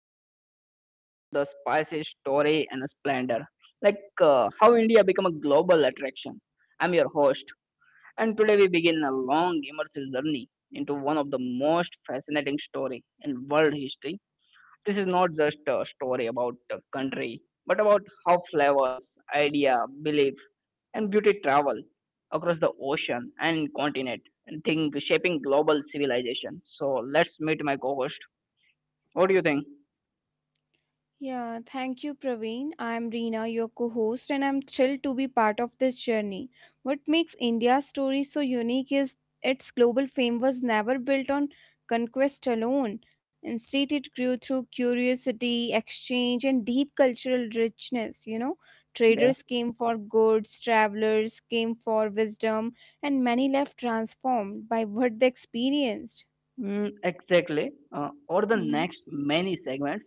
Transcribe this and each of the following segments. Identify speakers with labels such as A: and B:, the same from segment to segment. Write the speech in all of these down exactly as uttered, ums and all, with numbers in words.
A: very warm welcome to the Spicy Story and Splendor, like uh, how India become a global attraction. I'm your host, and today we begin a long immersive journey into one of the most fascinating story in world history. This is not just a story about a country, but about how flavors, idea, belief, and beauty travel across the ocean and continent, and think shaping global civilization. So let's meet my co-host. What do you think?
B: Yeah, thank you, Praveen. I'm Reena, your co host, and I'm thrilled to be part of this journey. What makes India's story so unique is its global fame was never built on conquest alone. Instead, it grew through curiosity, exchange, and deep cultural richness. You know, traders came for goods, travelers came for wisdom, and many left transformed by what they experienced.
A: Mm, exactly. Uh, over the
B: Mm-hmm.
A: next many segments,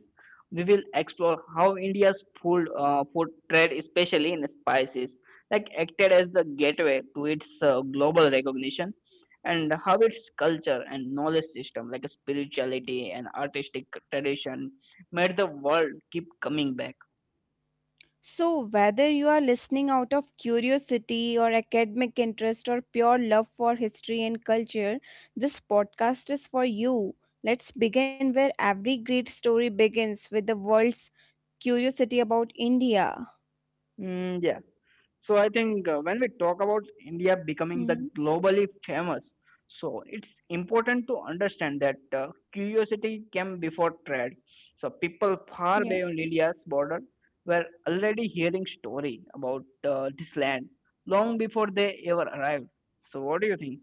A: we will explore how India's food, uh, food trade, especially in spices, like acted as the gateway to its uh, global recognition, and how its culture and knowledge system, like spirituality and artistic tradition, made the world keep coming back.
B: So, whether you are listening out of curiosity or academic interest or pure love for history and culture, this podcast is for you. Let's begin where every great story begins with the world's curiosity about India.
A: Mm, yeah. So I think uh, when we talk about India becoming the
B: Mhm.
A: globally famous, so it's important to understand that uh, curiosity came before trade. So people far
B: Yeah.
A: beyond India's border were already hearing story about uh, this land long before they ever arrived. So what do you think?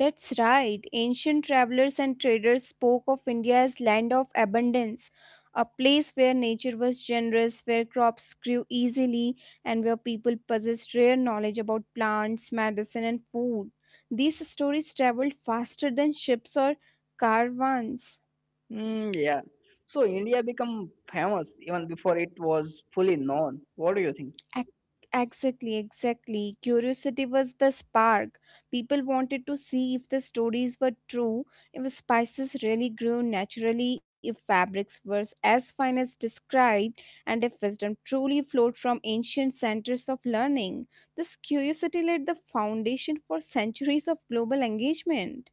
B: That's right. Ancient travelers and traders spoke of India as land of abundance, a place where nature was generous, where crops grew easily, and where people possessed rare knowledge about plants, medicine, and food. These stories traveled faster than ships or caravans.
A: Mm, yeah. So India became famous even before it was fully known. What do you think?
B: Ac- Exactly, exactly. Curiosity was the spark. People wanted to see if the stories were true, if spices really grew naturally, if fabrics were as fine as described, and if wisdom truly flowed from ancient centers of learning. This curiosity laid the foundation for centuries of global engagement,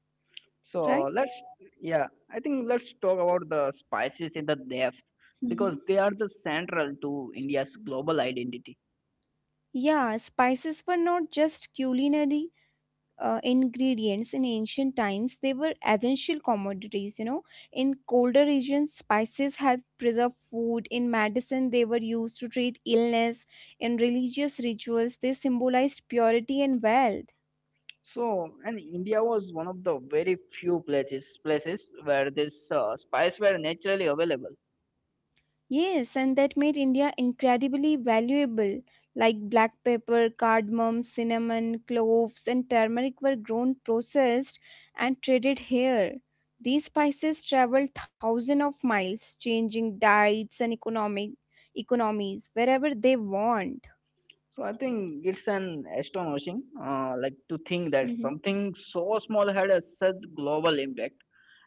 A: So
B: right? Yeah.
A: let's, yeah, I think let's talk about the spices in the depth because
B: Mhm.
A: they are the central to India's global identity.
B: Yeah, spices were not just culinary uh, ingredients in ancient times, they were essential commodities, you know. In colder regions spices helped preserve food, in medicine they were used to treat illness, in religious rituals they symbolized purity and wealth.
A: So, and India was one of the very few places places where this uh, spice were naturally available.
B: Yes, and that made India incredibly valuable. Like black pepper, cardamom, cinnamon, cloves, and turmeric were grown, processed, and traded here. These spices traveled thousands of miles, changing diets and economic economies wherever they want.
A: So I think it's an astonishing, uh, like to think that
B: Mhm.
A: something so small had a such global impact.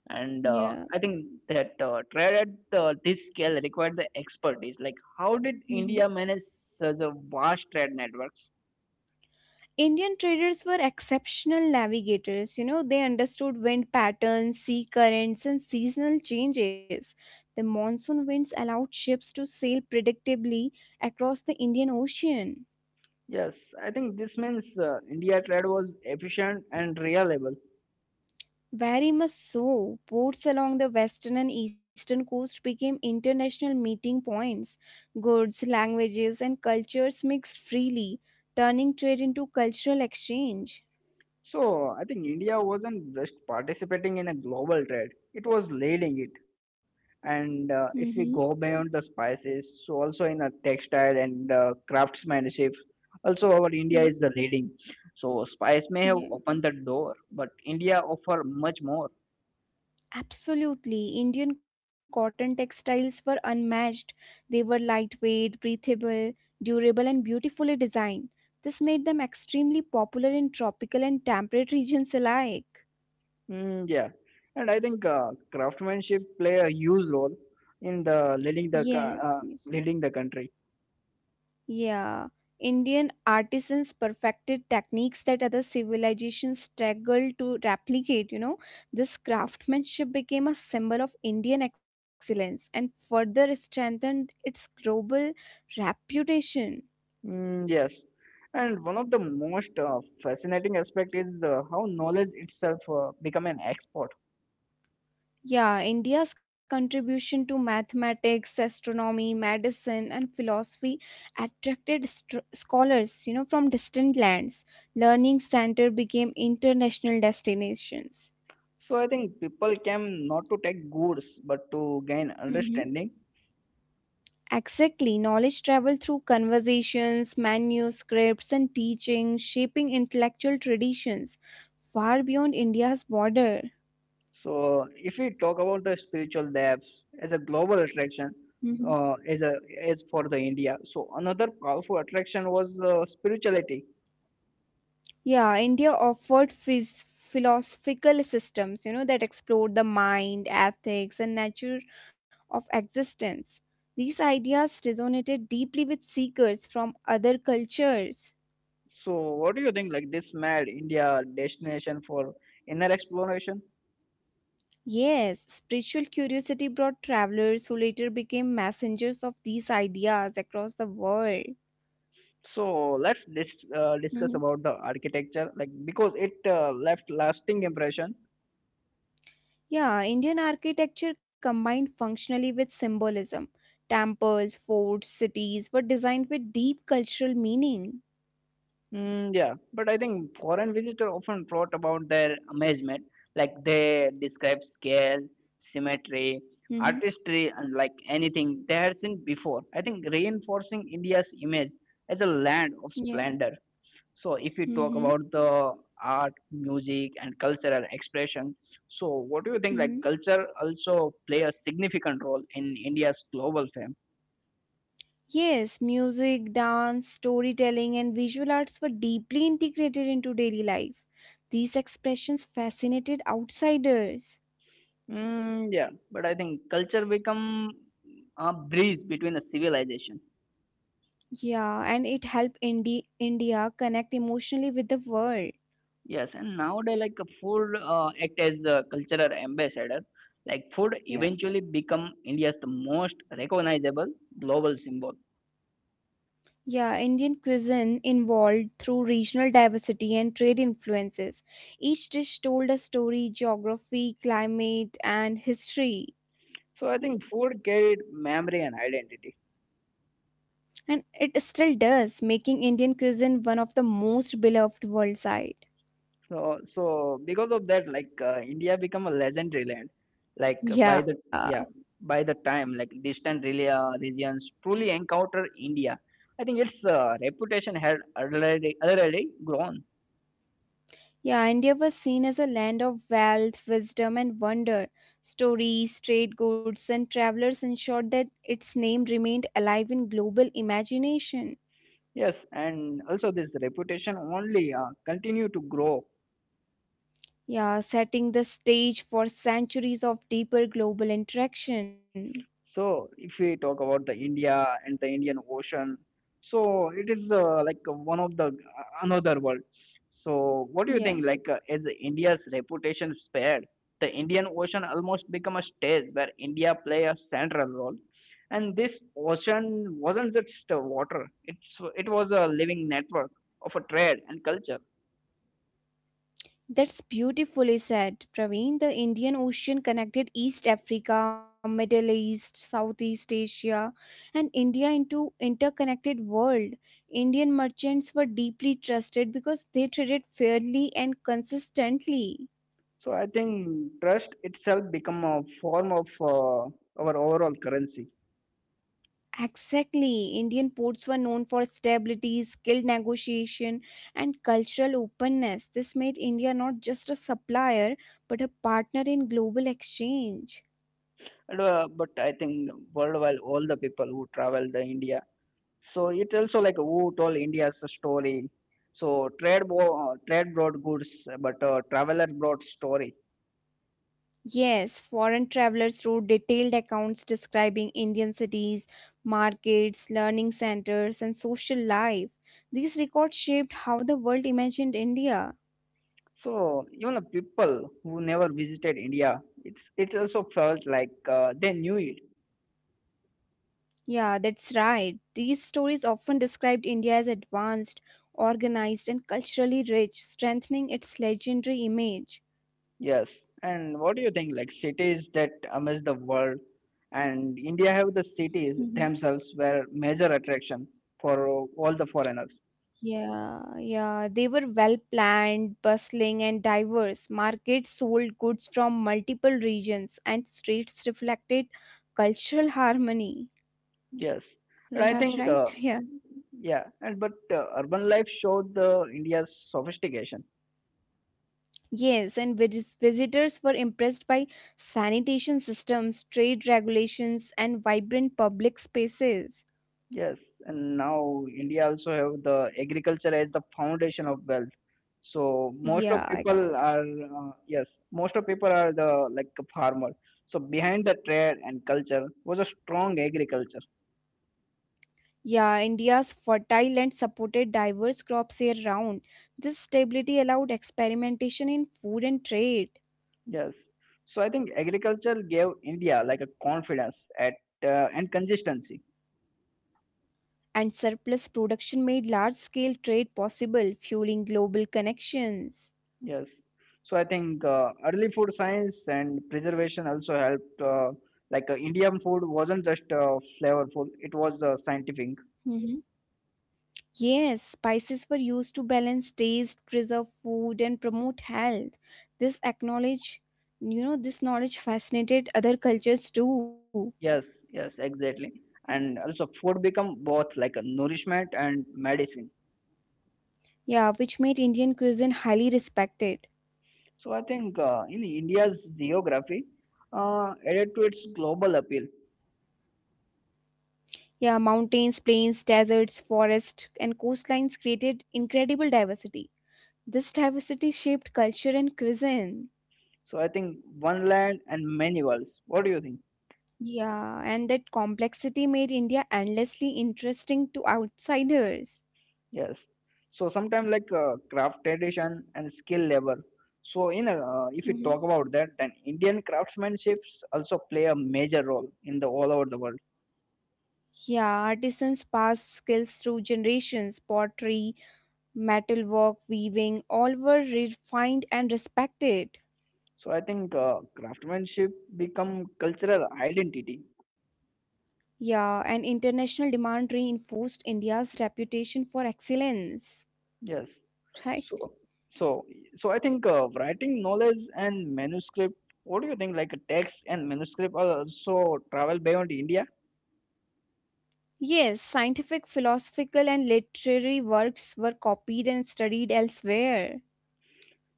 A: And uh,
B: Yeah.
A: I think that uh, trade at uh, this scale required the expertise. Like, how did
B: Mhm.
A: India manage such a vast trade networks?
B: Indian traders were exceptional navigators. You know, they understood wind patterns, sea currents, and seasonal changes. The monsoon winds allowed ships to sail predictably across the Indian Ocean.
A: Yes, I think this means uh, India trade was efficient and reliable.
B: Very much so, ports along the western and eastern coast became international meeting points. Goods, languages, and cultures mixed freely, turning trade into cultural exchange.
A: So I think India wasn't just participating in a global trade; it was leading it. And uh, if
B: Mm-hmm.
A: we go beyond the spices, so also in a textile and uh, craftsmanship, also our
B: Mm-hmm.
A: India is the leading. So spice may
B: Yeah.
A: have opened the door, but India offer much more.
B: Absolutely. Indian cotton textiles were unmatched. They were lightweight, breathable, durable, and beautifully designed. This made them extremely popular in tropical and temperate regions alike.
A: Mm, yeah, and I think uh, craftsmanship play a huge role in the leading the co-
B: Yes,
A: uh,
B: yes.
A: leading the country.
B: Yeah. Indian artisans perfected techniques that other civilizations struggled to replicate, you know. This craftsmanship became a symbol of Indian excellence and further strengthened its global reputation.
A: Mm, yes, and one of the most uh, fascinating aspect is uh, how knowledge itself uh, become an export.
B: Yeah, India's contribution to mathematics, astronomy, medicine, and philosophy attracted st- scholars, you know, from distant lands. Learning center became international destinations.
A: So I think people came not to take goods but to gain
B: Hmm.
A: understanding.
B: Exactly, knowledge traveled through conversations, manuscripts, and teaching, shaping intellectual traditions far beyond India's border.
A: So if we talk about the spiritual depths as a global attraction, uh, as a as for the India, so another powerful attraction was uh, spirituality.
B: Yeah, India offered phys- philosophical systems, you know, that explored the mind, ethics, and nature of existence. These ideas resonated deeply with seekers from other cultures.
A: So what do you think? Like this made India a destination for inner exploration.
B: Yes, spiritual curiosity brought travelers who later became messengers of these ideas across the world.
A: So let's dis- uh, discuss
B: Mhm.
A: about the architecture, like because it uh, left lasting impression.
B: Yeah, Indian architecture combined functionally with symbolism. Temples, forts, cities were designed with deep cultural meaning.
A: Mm, yeah, but I think foreign visitors often wrote about their amazement, like they describe scale, symmetry,
B: Mhm.
A: artistry, and like anything they had seen before. I think reinforcing India's image as a land of
B: Yeah.
A: splendor. So, if we talk
B: Mm-hmm.
A: about the art, music, and cultural expression, so what do you think? Like
B: Mm-hmm.
A: culture also play a significant role in India's global fame.
B: Yes, music, dance, storytelling, and visual arts were deeply integrated into daily life. These expressions fascinated outsiders.
A: Mm, yeah, but I think culture become a bridge between the civilization.
B: Yeah, and it helped Indi- India connect emotionally with the world.
A: Yes, and nowadays like food uh, act as a cultural ambassador. Like food
B: Yeah.
A: eventually become India's the most recognizable global symbol.
B: Yeah, Indian cuisine evolved through regional diversity and trade influences. Each dish told a story, geography, climate, and history.
A: So I think food carried memory and identity.
B: And it still does, making Indian cuisine one of the most beloved worldwide.
A: So so because of that like uh, India become a legendary land like uh, by the
B: Yeah,
A: yeah by the time like distant rela uh, regions truly encounter India. I think its uh, reputation had already already grown.
B: yeah, India was seen as a land of wealth, wisdom, and wonder. Stories, trade goods, and travelers ensured that its name remained alive in global imagination.
A: Yes, and also this reputation only uh, continue to grow.
B: Yeah, setting the stage for centuries of deeper global interaction.
A: So if we talk about the India and the Indian Ocean, so it is uh, like uh, one of the uh, another world. So what do you
B: Yeah.
A: think? Like, uh, is India's reputation spared? The Indian Ocean almost become a stage where India play a central role, and this ocean wasn't just uh, water. It's it was a living network of a trade and culture.
B: That's beautifully said, Praveen. The Indian Ocean connected East Africa, Middle East, Southeast Asia, and India into interconnected world. Indian merchants were deeply trusted because they traded fairly and consistently.
A: So I think trust itself become a form of uh, our overall currency.
B: Exactly. Indian ports were known for stability, skilled negotiation, and cultural openness. This made India not just a supplier, but a partner in global exchange.
A: And, uh, but I think worldwide, all the people who travel the India. So it also like who told India's story. So trade bo- uh, trade brought goods, but uh, traveler brought story.
B: Yes, foreign travelers wrote detailed accounts describing Indian cities, markets, learning centers, and social life. These records shaped how the world imagined India.
A: So even the people who never visited India, it's it also felt like uh, they knew it.
B: Yeah, that's right. These stories often described India as advanced, organized, and culturally rich, strengthening its legendary image.
A: Yes. And what do you think? Like cities that amaze the world, and India have the cities
B: Mm-hmm.
A: themselves were major attraction for all the foreigners.
B: Yeah, yeah. They were well planned, bustling, and diverse. Markets sold goods from multiple regions, and streets reflected cultural harmony.
A: Yes. And
B: Well,
A: I think
B: right?
A: uh,
B: Yeah.
A: yeah, and but uh, urban life showed the India's sophistication.
B: Yes, and vis- visitors were impressed by sanitation systems, trade regulations, and vibrant public spaces.
A: Yes, and now India also have the agriculture as the foundation of wealth. So most of
B: Yeah, ex-
A: people are uh, yes, most of people are the like a farmer. So behind the trade and culture was a strong agriculture.
B: yeah. India's fertile land supported diverse crops year round. This stability allowed experimentation in food and trade.
A: Yes, so I think agriculture gave India like a confidence at uh, and consistency.
B: And surplus production made large scale trade possible, fueling global connections.
A: Yes. So I think uh, early food science and preservation also helped. Uh, like uh, Indian food wasn't just uh, flavorful; it was uh, scientific.
B: Hmm. Yes, spices were used to balance taste, preserve food, and promote health. This acknowledge, you know, this knowledge fascinated other cultures too.
A: Yes, yes, exactly. And also, food become both like a nourishment and medicine.
B: Yeah, which made Indian cuisine highly respected.
A: So I think uh, in India's geography, uh, added to its global appeal.
B: Yeah, mountains, plains, deserts, forests, and coastlines created incredible diversity. This diversity shaped culture and cuisine.
A: So I think one land and many worlds. What do you think?
B: Yeah, and that complexity made India endlessly interesting to outsiders.
A: Yes. So sometimes like uh, craft tradition and skill level. So in uh, if you
B: Mhm.
A: talk about that, then Indian craftsmanships also play a major role in the all over the world.
B: Yeah, artisans passed skills through generations. Pottery, metalwork, weaving, all were refined and respected.
A: So I think uh, craftsmanship become cultural identity.
B: Yeah, and international demand reinforced India's reputation for excellence.
A: Yes.
B: Right?
A: So so so I think uh, writing knowledge and manuscript. What do you think? Like text and manuscript are also travel beyond India.
B: Yes, scientific, philosophical, and literary works were copied and studied elsewhere.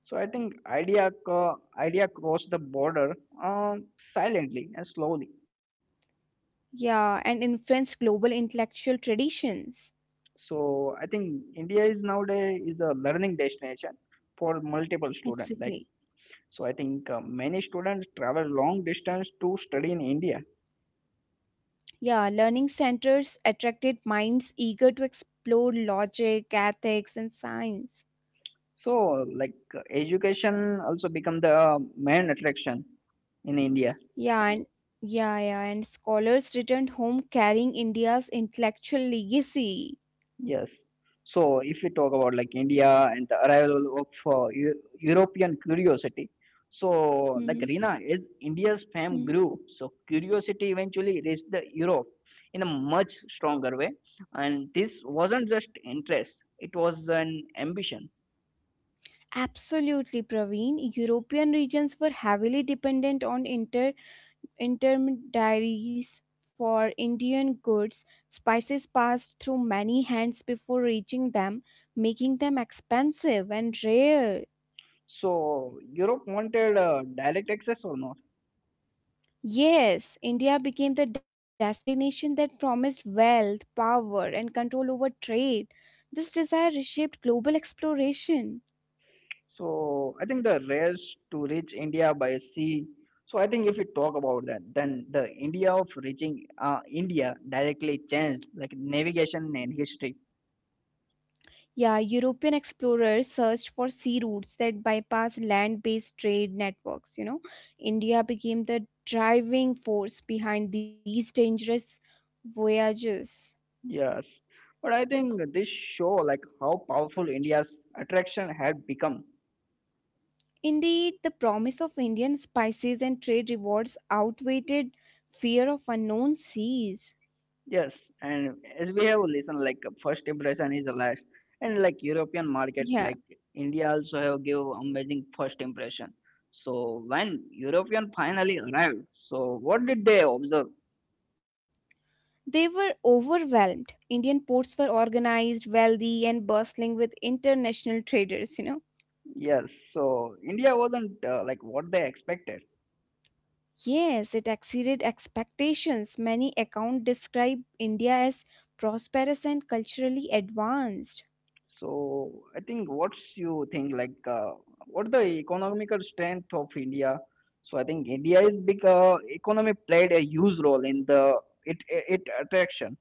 A: So I think idea co- idea cross the border uh, silently and slowly.
B: Yeah, and influenced global intellectual traditions.
A: So I think India is nowadays is a learning destination for multiple students. Like
B: Exactly.
A: so, I think uh, many students travel long distance to study in India.
B: Yeah, learning centers attracted minds eager to explore logic, ethics, and science.
A: So like uh, education also become the uh, main attraction in India.
B: Yeah, and yeah, yeah, and scholars returned home carrying India's intellectual legacy.
A: Yes. So if you talk about like India and the arrival of uh, Eu- European curiosity, so like
B: Mhm.
A: Rina, as India's fame
B: Mm.
A: grew, so curiosity eventually reached the Europe in a much stronger way, and this wasn't just interest; it was an ambition.
B: Absolutely, Praveen. European regions were heavily dependent on inter intermediaries for Indian goods. Spices passed through many hands before reaching them, making them expensive and rare.
A: So Europe wanted uh, direct access or not?
B: Yes, India became the destination that promised wealth, power, and control over trade. This desire reshaped global exploration.
A: So I think the race to reach India by sea. So I think if we talk about that, then the India of reaching uh, India directly changed like navigation and history.
B: Yeah, European explorers searched for sea routes that bypass land based trade networks. You know, India became the driving force behind these dangerous voyages.
A: Yes, but I think this show like how powerful India's attraction had become.
B: Indeed, the promise of Indian spices and trade rewards outweighed fear of unknown seas.
A: Yes, and as we have listened, like first impression is the last, and like European market,
B: Yeah.
A: like India also have give amazing first impression. So when European finally arrived, so what did they observe?
B: They were overwhelmed. Indian ports were organized, wealthy, and bustling with international traders, you know.
A: Yes, so India wasn't uh, like what they expected.
B: Yes, it exceeded expectations. Many accounts describe India as prosperous and culturally advanced.
A: So I think what's you think like uh, what the economical strength of India? So I think India is big. Uh, economy played a huge role in the it it attraction.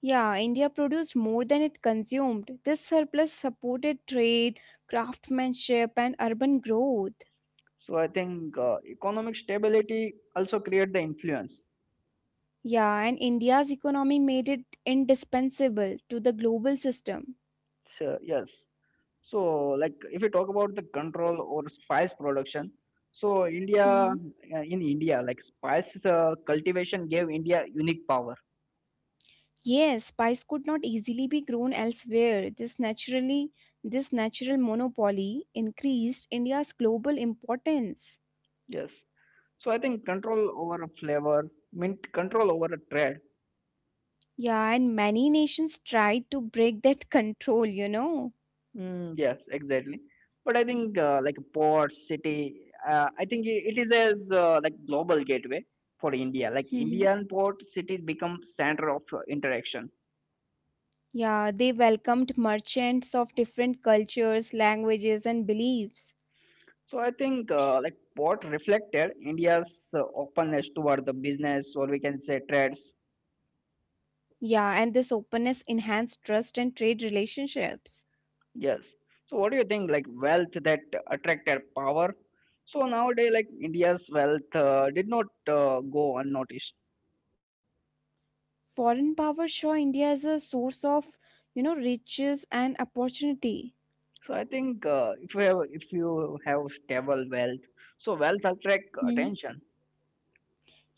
B: Yeah, India produced more than it consumed. This surplus supported trade, craftsmanship, and urban growth.
A: So I think uh, economic stability also create the influence.
B: Yeah, and India's economy made it indispensable to the global system.
A: So, yes. So like if you talk about the control or spice production, so India
B: Mhm.
A: uh, in India like spice uh, cultivation gave India unique power.
B: Yes, spice could not easily be grown elsewhere. This naturally this natural monopoly increased India's global importance.
A: Yes. So I think control over a flavor, mean control over a trade.
B: Yeah, and many nations tried to break that control, you know.
A: Mm, yes, exactly. But I think uh, like port, city, uh, I think i- it is as uh, like global gateway for India. Like
B: Mhm.
A: Indian port cities become center of uh, interaction.
B: Yeah, they welcomed merchants of different cultures, languages and beliefs.
A: So I think uh, like port reflected India's uh, openness toward the business or we can say trades.
B: Yeah, and this openness enhanced trust and trade relationships.
A: Yes. So what do you think like wealth that attracted power? So nowadays like India's wealth uh, did not uh, go unnoticed.
B: Foreign powers saw India as a source of, you know, riches and opportunity.
A: So I think uh, if you have if you have stable wealth, so wealth attract attention.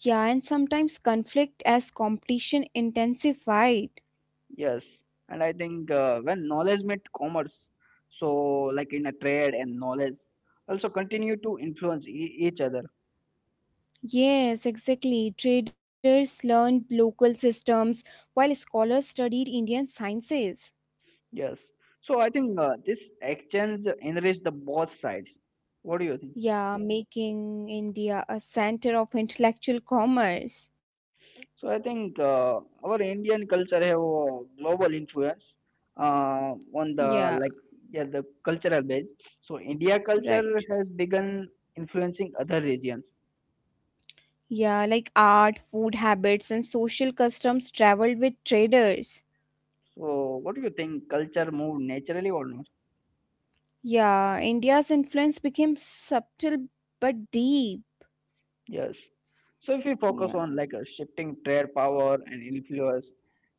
B: Yeah, and sometimes conflict as competition intensified.
A: Yes. And I think uh, when knowledge met commerce, so like in a trade and knowledge also continue to influence e- each other.
B: Yes, exactly. Traders learned local systems while scholars studied Indian sciences.
A: Yes. So I think uh, this exchange enrich the both sides. What do you think?
B: Yeah, making India a center of intellectual commerce.
A: So I think uh, our Indian culture have a global influence uh, on the
B: Yeah,
A: like yeah the cultural base. So India culture
B: right.
A: has begun influencing other regions.
B: Yeah, like art, food habits, and social customs traveled with traders.
A: So what do you think? Culture move naturally or not?
B: Yeah, India's influence became subtle but deep.
A: Yes. So if we focus
B: Yeah.
A: on like a shifting trade power and influence,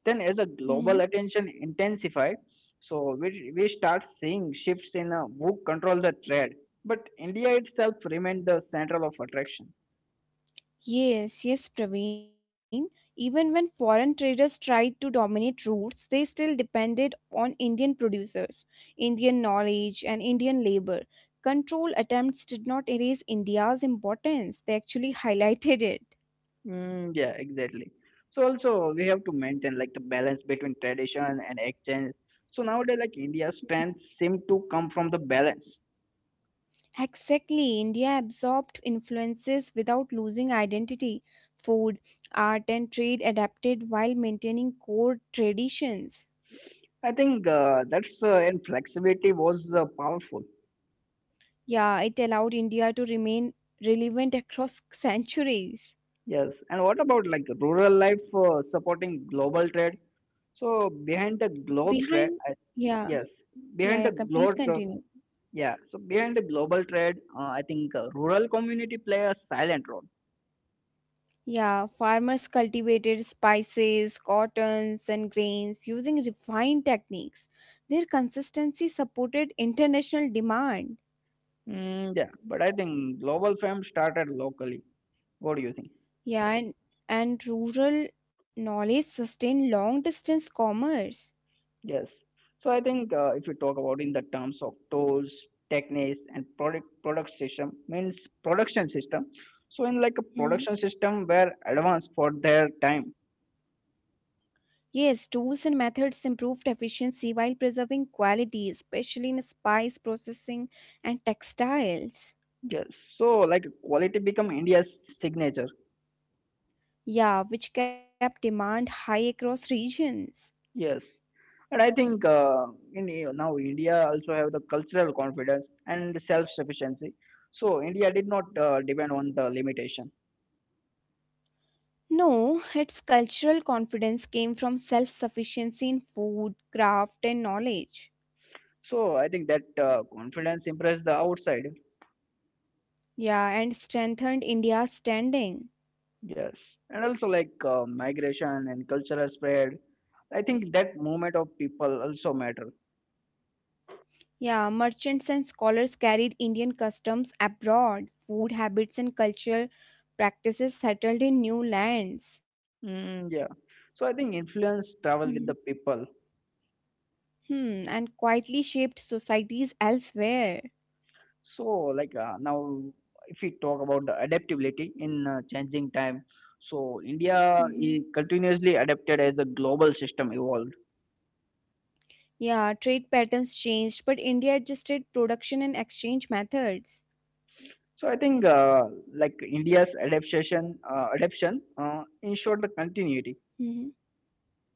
A: then as a global
B: Mhm.
A: attention intensified, so we we start seeing shifts in uh, who control the trade. But India itself remained the central of attraction.
B: Yes, yes, Praveen. Even when foreign traders tried to dominate routes, they still depended on Indian producers, Indian knowledge, and Indian labor. Control attempts did not erase India's importance, they actually highlighted it.
A: Mm, yeah, exactly. So also we have to maintain like the balance between tradition and exchange. So nowadays, like India's strength seem to come from the balance.
B: Exactly, India absorbed influences without losing identity. Food, art, and trade adapted while maintaining core traditions.
A: I think uh, that's uh, and flexibility was uh, powerful.
B: Yeah, it allowed India to remain relevant across centuries.
A: Yes. And what about like rural life uh, supporting global trade? So behind the globe
B: Behind,
A: trade, I,
B: yeah,
A: yes,
B: yeah, yeah.
A: behind
B: Can
A: the
B: please
A: globe, tra-
B: continue.
A: yeah. So behind the global trade, uh, I think uh, rural community play a silent role.
B: Yeah, farmers cultivated spices, cottons, and grains using refined techniques. Their consistency supported international demand.
A: Mm, yeah, but I think global fame started locally. What do you think?
B: Yeah, and, and rural knowledge sustained long distance commerce.
A: Yes. So I think uh, if you talk about in the terms of tools, techniques, and product product system means production system. So in like a
B: Mhm.
A: production system were advanced for their time.
B: Yes, tools and methods improved efficiency while preserving quality, especially in spice processing and textiles.
A: Yes. So like quality become India's signature.
B: Yeah, which kept demand high across regions.
A: Yes. And I think uh, in uh, now India also have the cultural confidence and self sufficiency. So India did not uh, depend on the limitation.
B: No, its cultural confidence came from self sufficiency in food, craft, and knowledge.
A: So I think that uh, confidence impressed the outside.
B: Yeah, and strengthened India's standing.
A: Yes, and also like uh, migration and cultural spread. I think that movement of people also matter.
B: Yeah, merchants and scholars carried Indian customs abroad, food habits and cultural practices settled in new lands.
A: Mm, yeah. So I think influence
B: Mhm.
A: travel with the people.
B: Hmm, and quietly shaped societies elsewhere.
A: So like uh, now, if we talk about the adaptability in uh, changing time, so India
B: Mhm.
A: is continuously adapted as a global system evolved.
B: Yeah, trade patterns changed, but India adjusted production and exchange methods.
A: So I think uh, like India's adaptation, uh, adaptation uh, ensured the continuity.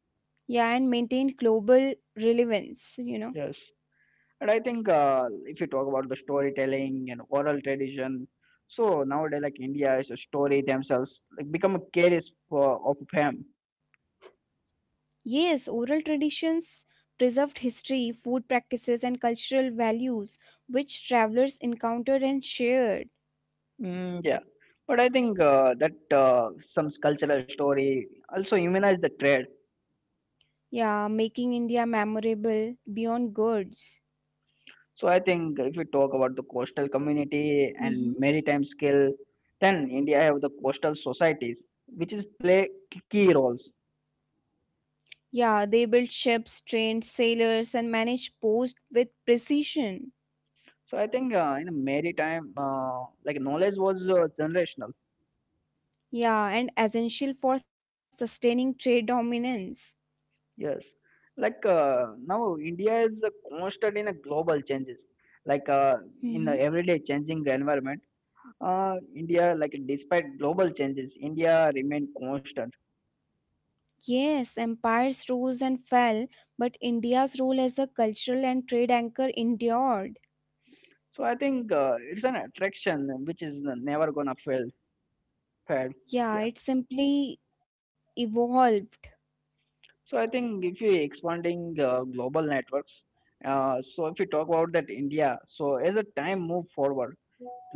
B: Yeah, and maintained global relevance, you know.
A: Yes. And I think uh, if you talk about the storytelling and oral tradition, so nowadays like India is a story themselves like become a carries for of fame.
B: Yes, oral traditions preserved history, food practices, and cultural values which travelers encountered and shared.
A: Mm, yeah, but I think uh, that uh, some cultural story also humanize the trade.
B: Yeah, making India memorable beyond goods.
A: So I think if we talk about the coastal community
B: Hmm.
A: and maritime skill, then India have the coastal societies which is play key roles.
B: Yeah, they built ships, trained sailors, and managed posts with precision.
A: So I think uh, in the maritime, uh, like knowledge was uh, generational.
B: Yeah, and essential for sustaining trade dominance.
A: Yes, like uh, now India is uh, constant in a global changes. Like uh, in the everyday changing environment, uh, India like despite global changes, India remain constant.
B: Yes, empires rose and fell, but India's role as a cultural and trade anchor endured.
A: So I think uh, it's an attraction which is never gonna fail. Fail.
B: Yeah,
A: Yeah.
B: it simply evolved.
A: So I think if you expanding uh, global networks, uh, so if you talk about that India, so as a time move forward,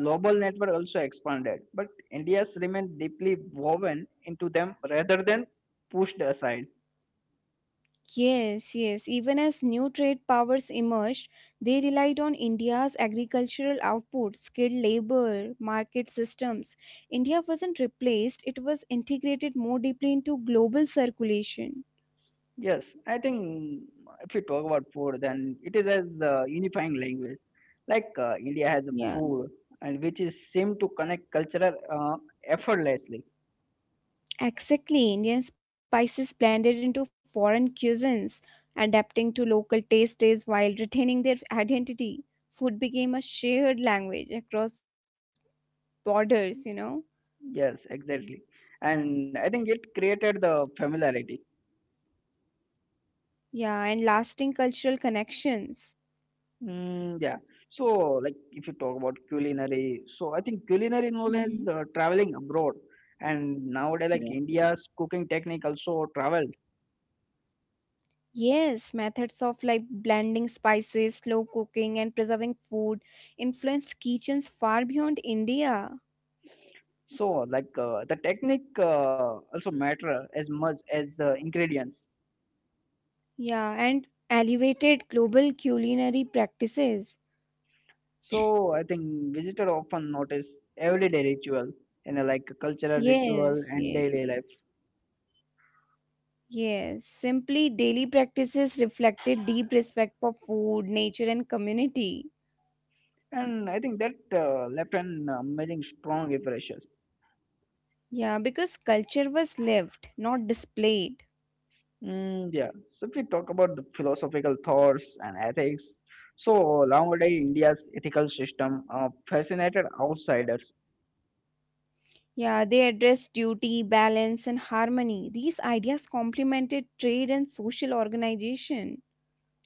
A: global network also expanded, but India's remained deeply woven into them rather than pushed aside.
B: Yes, yes. Even as new trade powers emerged, they relied on India's agricultural output, skilled labor, market systems. India wasn't replaced, it was integrated more deeply into global circulation.
A: Yes, I think if we talk about food, then it is as uh, unifying language. Like uh, India has a
B: Yeah.
A: food, and which is seem to connect cultural uh, effortlessly.
B: Exactly, Indian spices blended into foreign cuisines, adapting to local tastes while retaining their identity. Food became a shared language across borders, you know?
A: Yes, exactly. And I think it created the familiarity.
B: Yeah, and lasting cultural connections.
A: Mm, yeah. So, like, if you talk about culinary, so I think culinary knowledge uh,
B: Hmm.
A: traveling abroad, and nowadays, like, India's
B: Yeah.
A: cooking technique also traveled.
B: Yes, methods of like blending spices, slow cooking, and preserving food influenced kitchens far beyond India.
A: So, like, uh, the technique uh, also matter as much as uh, ingredients.
B: Yeah, and elevated global culinary practices.
A: So, I think visitor often notice everyday ritual and uh, like cultural ritual
B: Yes,
A: and
B: yes,
A: daily
B: yes.
A: life,
B: Yes, simply daily practices reflected deep respect for food, nature, and community.
A: and I think that uh, left an amazing strong impression.
B: Yeah, because culture was lived, not displayed.
A: Mm, yeah. So if we talk about the philosophical thoughts and ethics, so nowadays India's ethical system uh, fascinated outsiders.
B: Yeah, they addressed duty, balance, and harmony. These ideas complemented trade and social organization.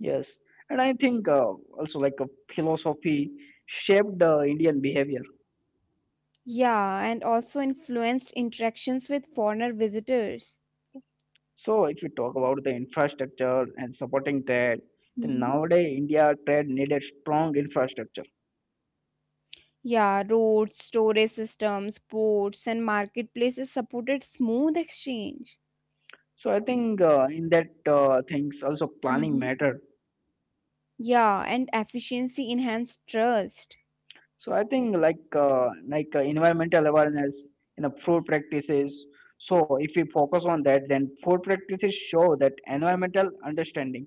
A: Yes, and I think uh, also like a philosophy shaped the Indian behavior.
B: Yeah, and also influenced interactions with foreigner visitors.
A: So if we talk about the infrastructure and supporting trade, then
B: Hmm.
A: nowadays India trade needed strong infrastructure.
B: Yeah, roads, storage systems, ports, and marketplaces supported smooth exchange.
A: So I think uh, in that uh, things also planning
B: Mhm.
A: matter.
B: Yeah, and efficiency enhanced trust.
A: So I think like uh, like uh, environmental awareness in the food practices. So if we focus on that, then food practices show that environmental understanding.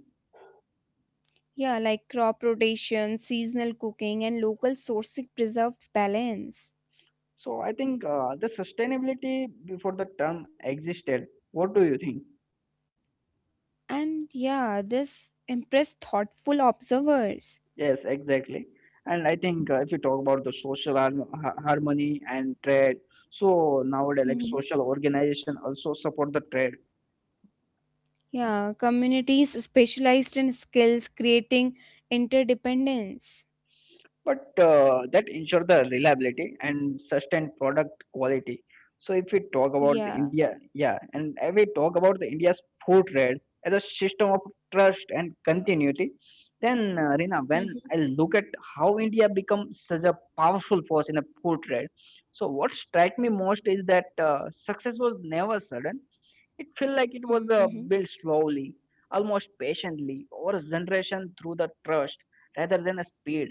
B: Yeah, like crop rotation, seasonal cooking, and local sourcing preserved balance.
A: So I think uh, the sustainability before the term existed. What do you think?
B: And yeah, this impressed thoughtful observers.
A: Yes, exactly. And I think uh, if you talk about the social har- ha- harmony and trade, so nowadays like
B: Mhm.
A: social organization also support the trade.
B: Yeah, communities specialized in skills creating interdependence.
A: But uh, that ensure the reliability and sustained product quality. So if we talk about the
B: Yeah.
A: India, yeah, and if we talk about the India's food trade as a system of trust and continuity, then uh, Rina, when
B: Mhm.
A: I look at how India become such a powerful force in the food trade, so what strike me most is that uh, success was never sudden. It felt like it was uh,
B: Mhm.
A: built slowly, almost patiently, over a generation through the trust rather than a speed.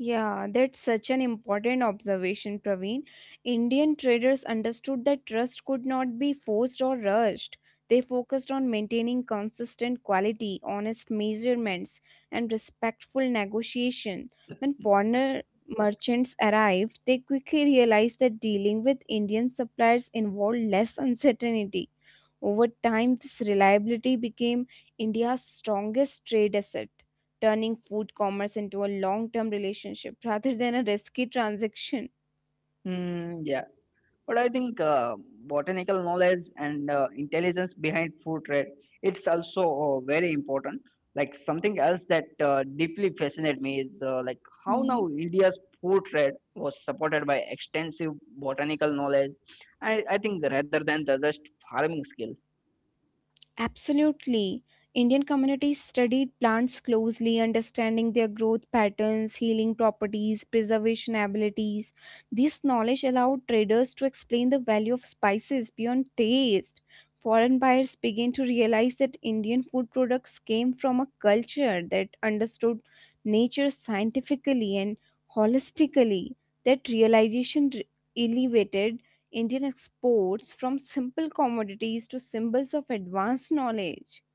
B: Yeah, that's such an important observation, Praveen. Indian traders understood that trust could not be forced or rushed. They focused on maintaining consistent quality, honest measurements, and respectful negotiation. When foreigner merchants arrived, they quickly realized that dealing with Indian suppliers involved less uncertainty over time, this reliability became India's strongest trade asset, turning food commerce into a long term relationship rather than a risky transaction.
A: Mm, yeah, but I think uh, botanical knowledge and uh, intelligence behind food trade it's also uh, very important. Like something else that uh, deeply fascinated me is uh, like how now India's food trade was supported by extensive botanical knowledge. I, I think rather than the just farming skill.
B: Absolutely. Indian communities studied plants closely, understanding their growth patterns, healing properties, preservation abilities. This knowledge allowed traders to explain the value of spices beyond taste. Foreign buyers began to realize that Indian food products came from a culture that understood nature scientifically and holistically. That realization re- elevated Indian exports from simple commodities to symbols of advanced knowledge.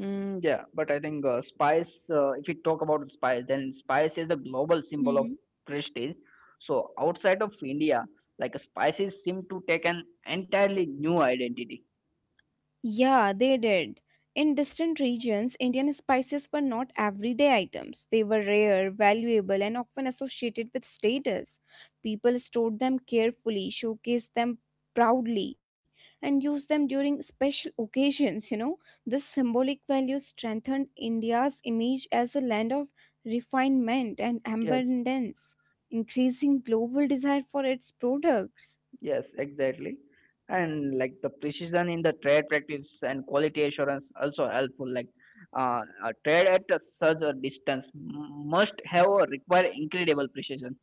A: Mm, yeah, but I think uh, spice, uh, if we talk about spice, then spice is a global symbol of prestige. So outside of India, like spices seem to take an entirely new identity.
B: Yeah, they did. In distant regions, Indian spices were not everyday items. They were rare, valuable, and often associated with status. People stored them carefully, showcased them proudly, and used them during special occasions. You know, this symbolic value strengthened India's image as a land of refinement and
A: Yes,
B: abundance, increasing global desire for its products.
A: yes, exactly. And like the precision in the trade practice and quality assurance also helpful. Like uh, a trade at a such a distance m- must have or require incredible precision.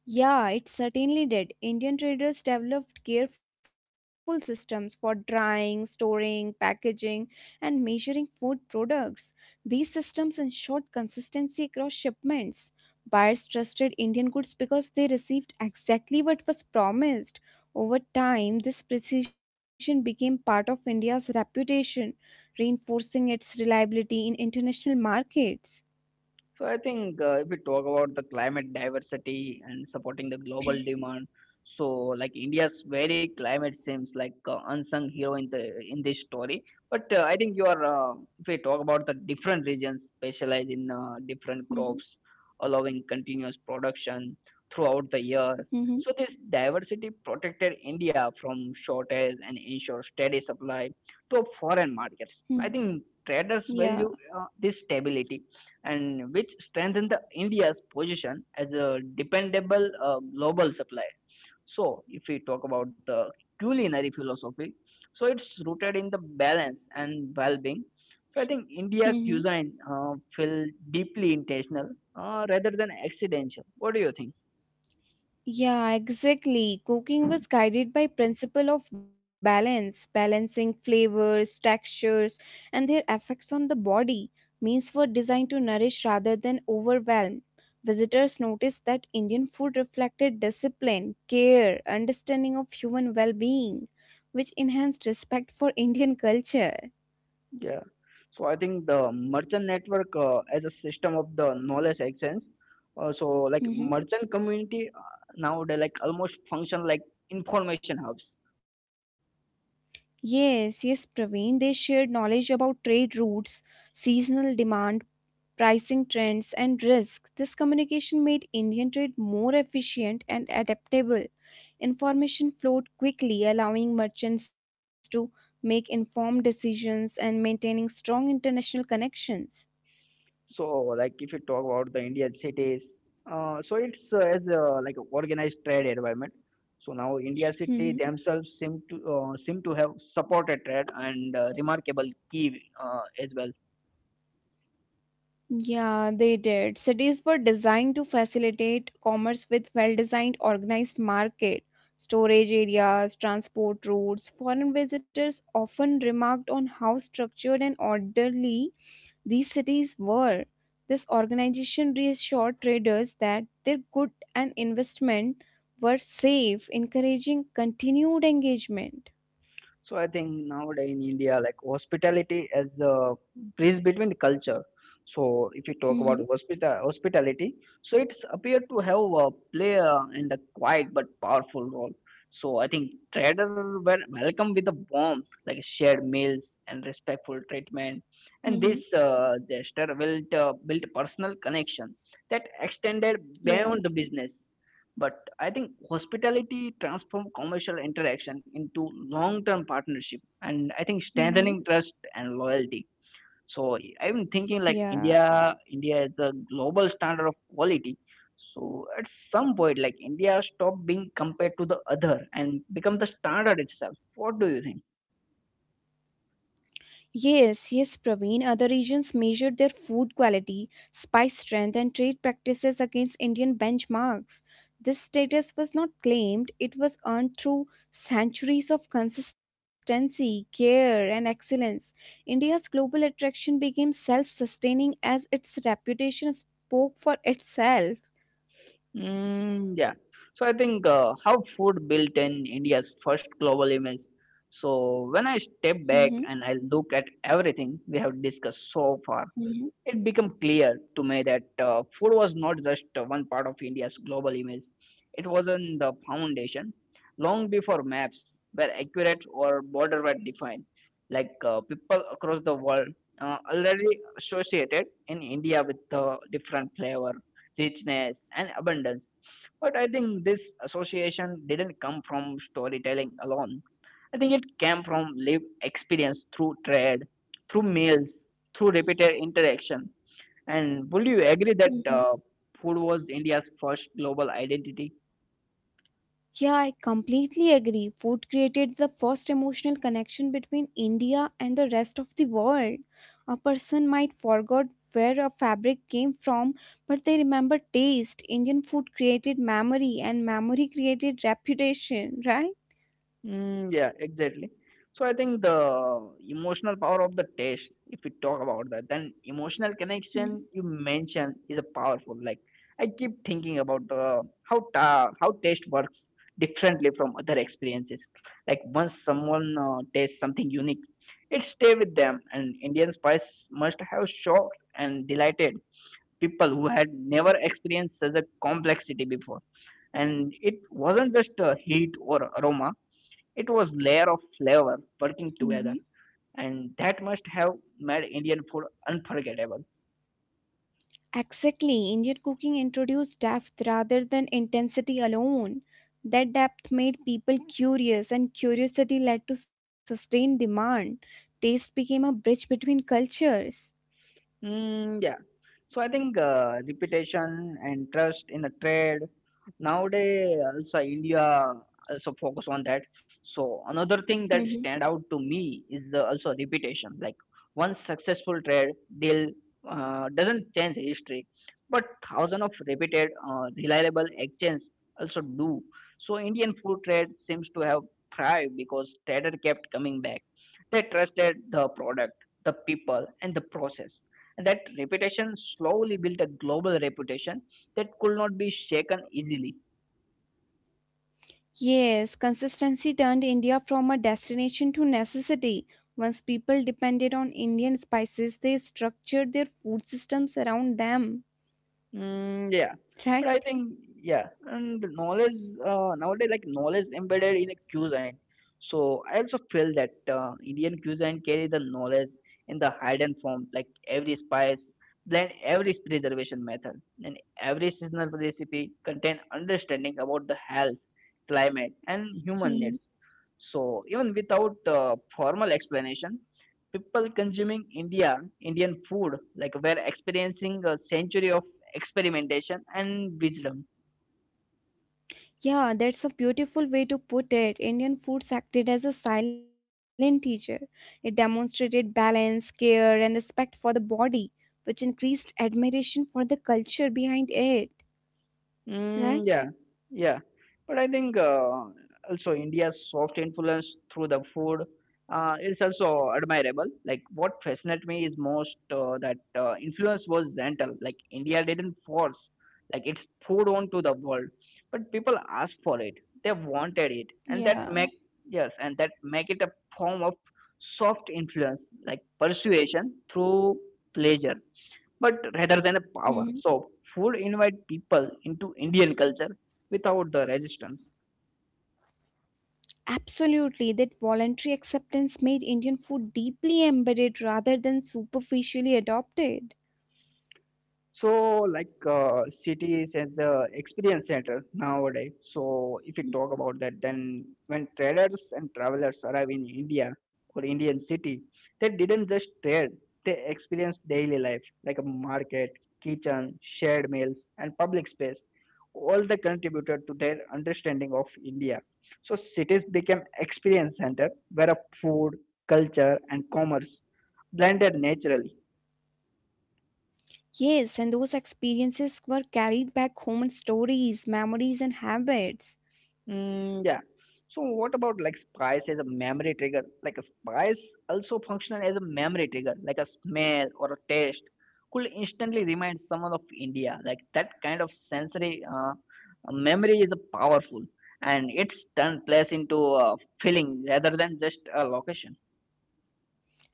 B: Yeah, it certainly did. Indian traders developed careful systems for drying, storing, packaging, and measuring food products. These systems ensured consistency across shipments. Buyers trusted Indian goods because they received exactly what was promised. Over time, this precision became part of India's reputation, reinforcing its reliability in international markets.
A: So I think uh, if we talk about the climate diversity and supporting the global demand, so like India's very climate seems like uh, unsung hero in the in this story. But uh, I think you are uh, if we talk about the different regions specialize in uh, different crops, allowing continuous production throughout the year.
B: Hmm.
A: So this diversity protected India from shortage and ensure steady supply to foreign markets.
B: Hmm.
A: I think traders
B: Yeah.
A: value uh, this stability and which strengthened the India's position as a dependable uh, global supplier. So, if we talk about the culinary philosophy, so it's rooted in the balance and well-being. So, I think India
B: Hmm.
A: cuisine uh, feel deeply intentional uh, rather than accidental. What do you think?
B: Yeah, exactly. Cooking was guided by principle of balance, balancing flavors, textures, and their effects on the body. Meals were designed to nourish rather than overwhelm. Visitors noticed that Indian food reflected discipline, care, understanding of human well-being, which enhanced respect for Indian culture.
A: Yeah. So, I think the merchant network uh, as a system of the knowledge exchange. Uh, so, like merchant
B: Mhm.
A: community uh, nowadays, like almost function like information hubs.
B: Yes, yes, Praveen. They shared knowledge about trade routes, seasonal demand, pricing trends, and risk. This communication made Indian trade more efficient and adaptable. Information flowed quickly, allowing merchants to make informed decisions and maintaining strong international connections.
A: So, like if you talk about the Indian cities, uh, so it's uh, as uh, like a organized trade environment. So now India city
B: Mhm.
A: themselves seem to uh, seem to have supported trade and uh, remarkable key uh, as well.
B: Yeah, they did. Cities were designed to facilitate commerce with well designed organized market, storage areas, transport routes. Foreign visitors often remarked on how structured and orderly these cities were. This organization reassured traders that their good and investment were safe, encouraging continued engagement.
A: So I think nowadays in India, like hospitality as a bridge between the culture. So if you talk about
B: Mm-hmm.
A: hospital hospitality, so it's appeared to have a play uh, in the quiet but powerful role. So I think traders were welcomed with a warmth, like shared meals and respectful treatment, and
B: Mm-hmm.
A: this uh, gesture built uh, built a personal connection that extended
B: Yeah.
A: beyond the business. But I think hospitality transforms commercial interaction into long-term partnership, and I think
B: Mm-hmm.
A: strengthening trust and loyalty. So I'm thinking like
B: Yeah.
A: India, India is a global standard of quality. So at some point, like India stop being compared to the other and become the standard itself. What do you think?
B: Yes, yes, Praveen. Other regions measured their food quality, spice strength, and trade practices against Indian benchmarks. This status was not claimed, it was earned through centuries of consistency, care, and excellence. India's global attraction became self sustaining as its reputation spoke for itself.
A: Mm, yeah. So I think uh, how food built in India's first global image. So when I step back
B: Mhm.
A: and I look at everything we have discussed so far,
B: Mhm,
A: it became clear to me that uh, food was not just uh, one part of India's global image. It was in the foundation long before maps were accurate or borders were defined. Like uh, people across the world uh, already associated in India with uh, different flavor, richness, and abundance. But I think this association didn't come from storytelling alone. I think it came from lived experience through trade, through meals, through repeated interaction, and would you agree that
B: mhm.
A: uh, food was India's first global identity?
B: Yeah, I completely agree. Food created the first emotional connection between India and the rest of the world. A person might forget where a fabric came from, but they remember taste. Indian food created memory, and memory created reputation, right?
A: Mm, yeah, exactly. So I think the emotional power of the taste, if we talk about that, then emotional connection you mentioned is a powerful. Like I keep thinking about the how ta- how taste works differently from other experiences. Like once someone uh, tastes something unique, it stay with them. And Indian spice must have shocked and delighted people who had never experienced such a complexity before, and it wasn't just a heat or aroma, it was layer of flavor working
B: Mhm.
A: together, and that must have made indian food unforgettable.
B: Exactly, Indian cooking introduced depth rather than intensity alone. That depth made people curious, and curiosity led to sustained demand. Taste became a bridge between cultures.
A: Mm, yeah. So I think uh, reputation and trust in the trade nowadays also India also focus on that. So another thing that
B: Mhm.
A: stand out to me is uh, also reputation. Like one successful trade deal uh, doesn't change history, but thousand of repeated uh, reliable exchanges also do. So Indian food trade seems to have thrived because trader kept coming back. They trusted the product, the people, and the process. That reputation slowly built a global reputation that could not be shaken easily.
B: Yes, consistency turned India from a destination to necessity. Once people depended on Indian spices, they structured their food systems around them,
A: Mm, yeah, but
B: right?
A: I think yeah, and knowledge uh, nowadays like knowledge embedded in a cuisine. So I also feel that uh, Indian cuisine carry the knowledge in the hidden form, like every spice, blend, every preservation method, and every seasonal recipe contain understanding about the health, climate, and human needs. So even without uh, formal explanation, people consuming India Indian food, like were experiencing a century of experimentation and wisdom.
B: Yeah, that's a beautiful way to put it. Indian foods acted as a silent teacher. It demonstrated balance, care, and respect for the body, which increased admiration for the culture behind it, right?
A: Mm, yeah, yeah. But I think uh, also India's soft influence through the food uh, is also admirable. Like what fascinates me is most uh, that uh, influence was gentle. Like India didn't force. Like it's poured onto the world, but people asked for it. They wanted it, and that
B: Yeah.
A: make yes, and that make it a form of soft influence, like persuasion through pleasure, but rather than a power.
B: Hmm.
A: So food invite people into Indian culture without the resistance.
B: Absolutely, that voluntary acceptance made Indian food deeply embedded rather than superficially adopted.
A: So, like uh, cities as a experience center nowadays. So, if we talk about that, then when traders and travelers arrive in India or Indian city, they didn't just trade; they experienced daily life like a market, kitchen, shared meals, and public space. All they contributed to their understanding of India. So, cities became experience center where a food, culture, and commerce blended naturally.
B: Yes, and those experiences were carried back home in stories, memories, and habits.
A: Mm, yeah. So what about like spice as a memory trigger? Like a spice also functional as a memory trigger, like a smell or a taste could instantly remind someone of India. Like that kind of sensory uh, memory is a powerful and it's turned place into a feeling rather than just a location.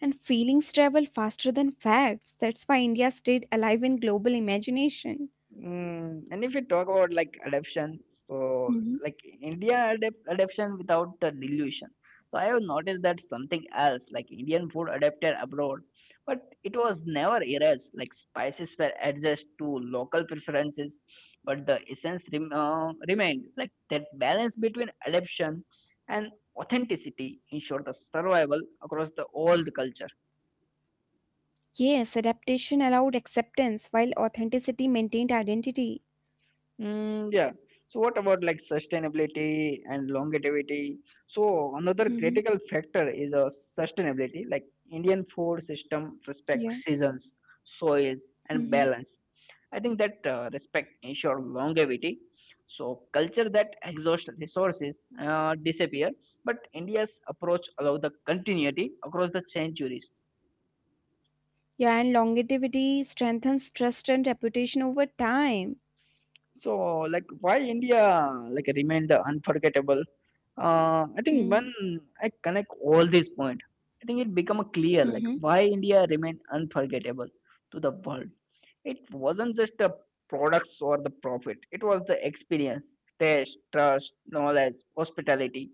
B: And feelings travel faster than facts. That's why India stayed alive in global imagination.
A: Mm, and if we talk about like adaptation, so
B: Mhm.
A: like India adapt adaptation without the dilution. So I have noticed that something else, like Indian food adapted abroad, but it was never erased. Like spices were adjusted to local preferences, but the essence rem uh, remained. Like that balance between adaptation and authenticity ensured the survival across the old culture.
B: Yes, adaptation allowed acceptance while authenticity maintained identity.
A: Mm, yeah. So what about like sustainability and longevity? So another
B: Mhm.
A: critical factor is uh, sustainability. Like Indian food system respects
B: Yeah.
A: seasons, soils, and
B: Mhm.
A: balance. I think that uh, respect ensure longevity. So culture that exhaust resources uh, disappear, but India's approach allow the continuity across the centuries.
B: Yeah, and longevity strengthens trust and reputation over time.
A: So like why India like remain the unforgettable. Uh, I think when
B: Mhm.
A: I connect all these points, I think it become a clear like
B: Mhm.
A: why India remained unforgettable to the world. It wasn't just the products or the profit; it was the experience, taste, trust, knowledge, hospitality,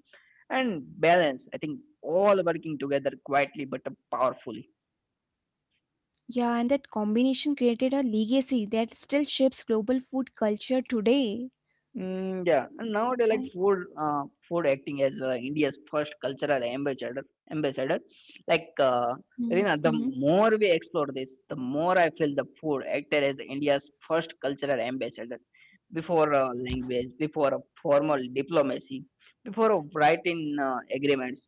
A: and balance. I think all working together quietly but powerfully.
B: Yeah, and that combination created a legacy that still shapes global food culture today.
A: Mm, yeah, and nowadays like
B: Right.
A: food, uh, food acting as uh, India's first cultural ambassador, ambassador. Like, uh,
B: Mhm. Mhm.
A: Rina, the more we explore this, the more I feel the food acted as India's first cultural ambassador. Before uh, language, before a formal diplomacy, before a writing uh, agreements,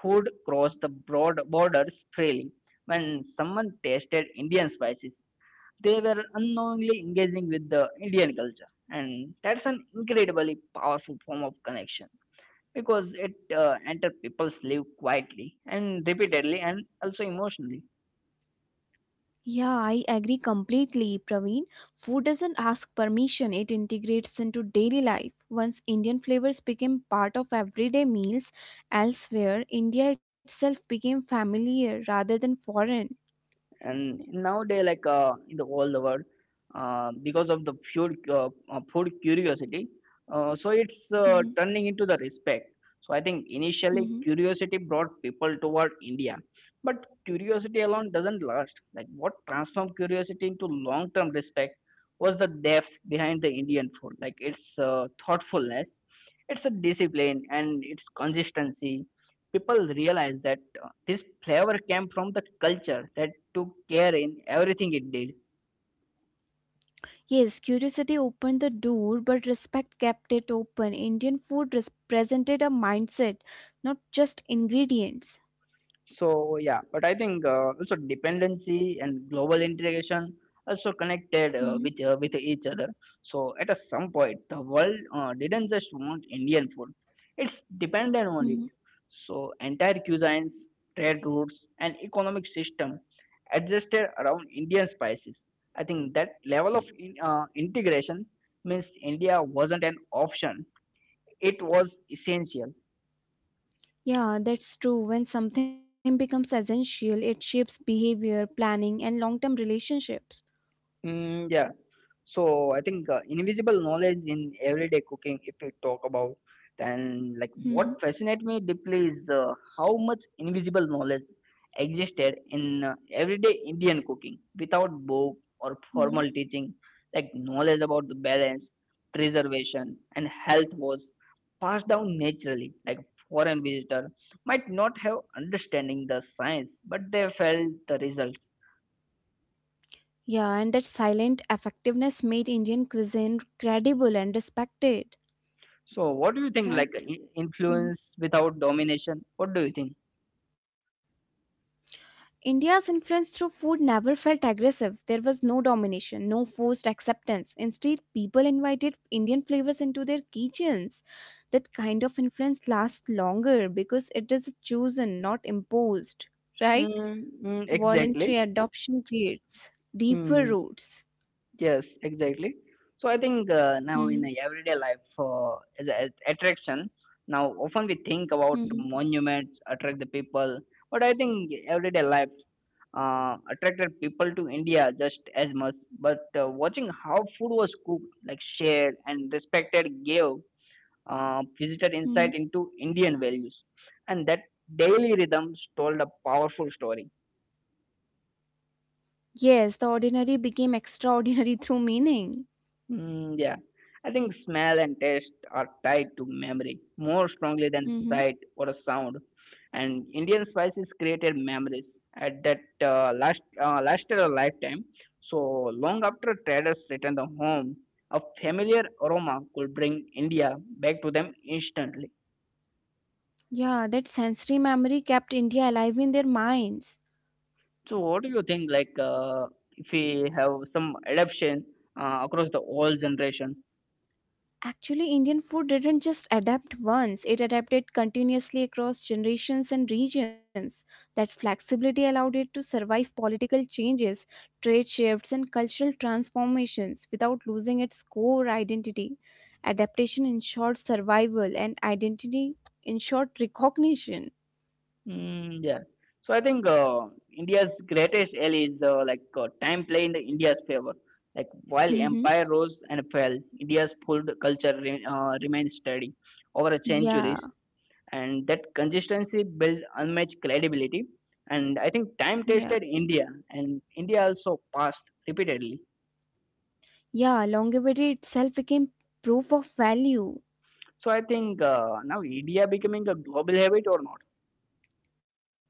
A: food crossed the broad borders freely. When someone tasted Indian spices, they were unknowingly engaging with the Indian culture. And that's an incredibly powerful form of connection because it uh, enters people's lives quietly and repeatedly and also emotionally.
B: Yeah, I agree completely, Praveen. Food doesn't ask permission, it integrates into daily life. Once Indian flavors became part of everyday meals elsewhere, India itself became familiar rather than foreign.
A: And nowadays like uh, in the all the world uh, because of the food uh, uh, food curiosity uh, so it's uh,
B: Mhm,
A: turning into the respect. So I think initially
B: mhm.
A: curiosity brought people toward India, but curiosity alone doesn't last. Like what transformed curiosity into long term respect was the depth behind the Indian food, like its uh, thoughtfulness, it's a discipline and it's consistency. People realize that uh, this flavor came from the culture that took care in everything it did.
B: Yes, curiosity opened the door, but respect kept it open. Indian food represented a mindset, not just ingredients.
A: So yeah, but I think uh, also dependency and global integration also connected uh, with uh, with each other. So at a some point, the world uh, didn't just want Indian food; it's dependent on it. So entire cuisines, trade routes, and economic system adjusted around Indian spices. I think that level of in, uh, integration means India wasn't an option; it was essential.
B: Yeah, that's true. When something becomes essential, it shapes behavior, planning, and long term relationships.
A: Mm, yeah. So I think uh, invisible knowledge in everyday cooking, if we talk about, then, like what
B: Hmm.
A: fascinates me deeply is uh, how much invisible knowledge existed in uh, everyday Indian cooking without book or
B: Hmm.
A: formal teaching. Like knowledge about the balance, preservation, and health was passed down naturally. Like foreign visitor might not have understanding the science, but they felt the results.
B: Yeah, and that silent effectiveness made Indian cuisine credible and respected,
A: So, what do you think? Like
B: right?
A: i-
B: Hmm.
A: influence without domination? What do you think?
B: India's influence through food never felt aggressive. There was no domination, no forced acceptance. Instead, people invited Indian flavors into their kitchens. That kind of influence lasts longer because it is chosen, not imposed, right?
A: Mm, mm, exactly.
B: Voluntary adoption creates deeper
A: Mm,
B: roots.
A: yes, exactly. So, I think uh, now
B: Mm-hmm.
A: in a everyday life, uh, as, as attraction, now often we think about
B: Mm-hmm.
A: monuments attract the people, but I think everyday life uh, attracted people to India just as much. But uh, watching how food was cooked, like shared and respected, gave uh, visitor insight
B: Mm-hmm.
A: into Indian values, and that daily rhythms told a powerful story.
B: Yes, the ordinary became extraordinary through meaning.
A: Mm, yeah, I think smell and taste are tied to memory more strongly than
B: Mm-hmm.
A: sight or a sound, and Indian spices created memories at that uh, last uh, lasted a lifetime. So long after traders returned home, a familiar aroma could bring India back to them instantly.
B: Yeah, that sensory memory kept India alive in their minds.
A: So what do you think, like, uh, if we have some adoption uh, across the whole generation?
B: Actually, Indian food didn't just adapt once, it adapted continuously across generations and regions. That flexibility allowed it to survive political changes, trade shifts, and cultural transformations without losing its core identity. Adaptation ensured survival, and identity ensured recognition.
A: Mm, yeah. So I think uh, India's greatest ally is the like uh, time play in the India's favor. Like while
B: Mm-hmm.
A: empire rose and fell, India's food culture re- uh, remained steady over a
B: Yeah,
A: centuries, and that consistency built unmatched credibility. And I think time
B: yeah,
A: tested India, and India also passed repeatedly.
B: yeah. Longevity itself became proof of value.
A: So I think uh, now India becoming a global habit or not?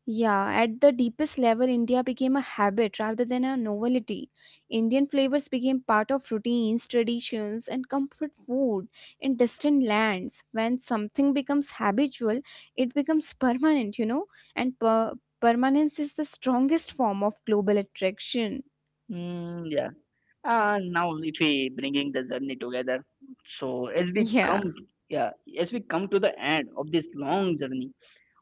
B: Yeah, at the deepest level, India became a habit rather than a novelty. Indian flavors became part of routines, traditions, and comfort food in distant lands. When something becomes habitual, it becomes permanent, you know, and per- permanence is the strongest form of global attraction.
A: Mm, yeah. And now if we bringing the journey together, so as we come, yeah, as we come to the end of this long journey,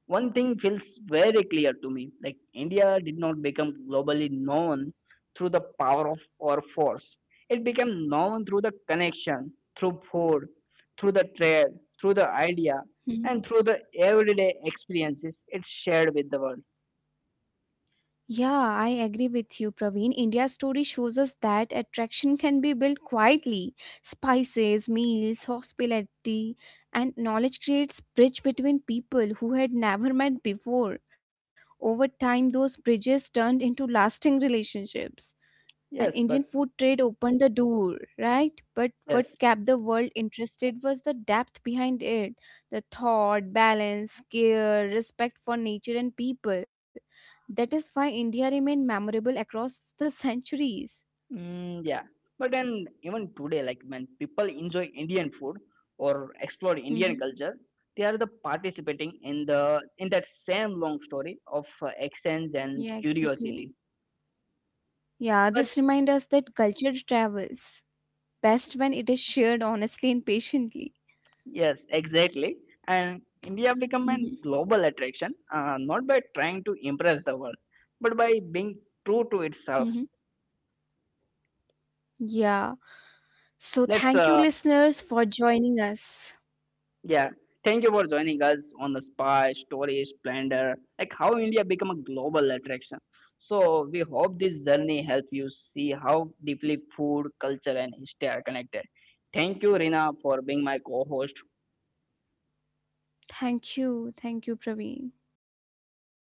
A: one thing feels very clear to me: like India did not become globally known through the power of our force. It became known through the connection, through food, through the trade, through the idea,
B: Yeah.
A: and through the everyday experiences it shared with the world.
B: Yeah, I agree with you, Praveen. India's story shows us that attraction can be built quietly. Spices, meals, hospitality, and knowledge creates bridge between people who had never met before. Over time, those bridges turned into lasting relationships and
A: Yes,
B: Indian
A: but
B: food trade opened the door, right? But what
A: yes.
B: kept the world interested was the depth behind it the thought, balance, care, respect for nature and people. That is why India remained memorable across the centuries.
A: Mm, yeah. But then even today, like when people enjoy Indian food or explore Indian
B: Mhm.
A: culture, they are the participating in the in that same long story of uh, exchange and
B: Yeah, exactly.
A: curiosity.
B: Yeah,
A: But
B: this reminds us that culture travels best when it is shared honestly and patiently.
A: yes, exactly. And India become a
B: Mhm.
A: global attraction, uh, not by trying to impress the world, but by being true to
B: Mhm.
A: itself.
B: Yeah. So,
A: Let's
B: thank you,
A: uh,
B: listeners, for joining us.
A: Yeah, thank you for joining us on the spy story splendor, like how India become a global attraction. So we hope this journey helps you see how deeply food, culture, and history are connected. Thank you, Rina, for being my co-host.
B: Thank you. Thank you, Praveen. And thank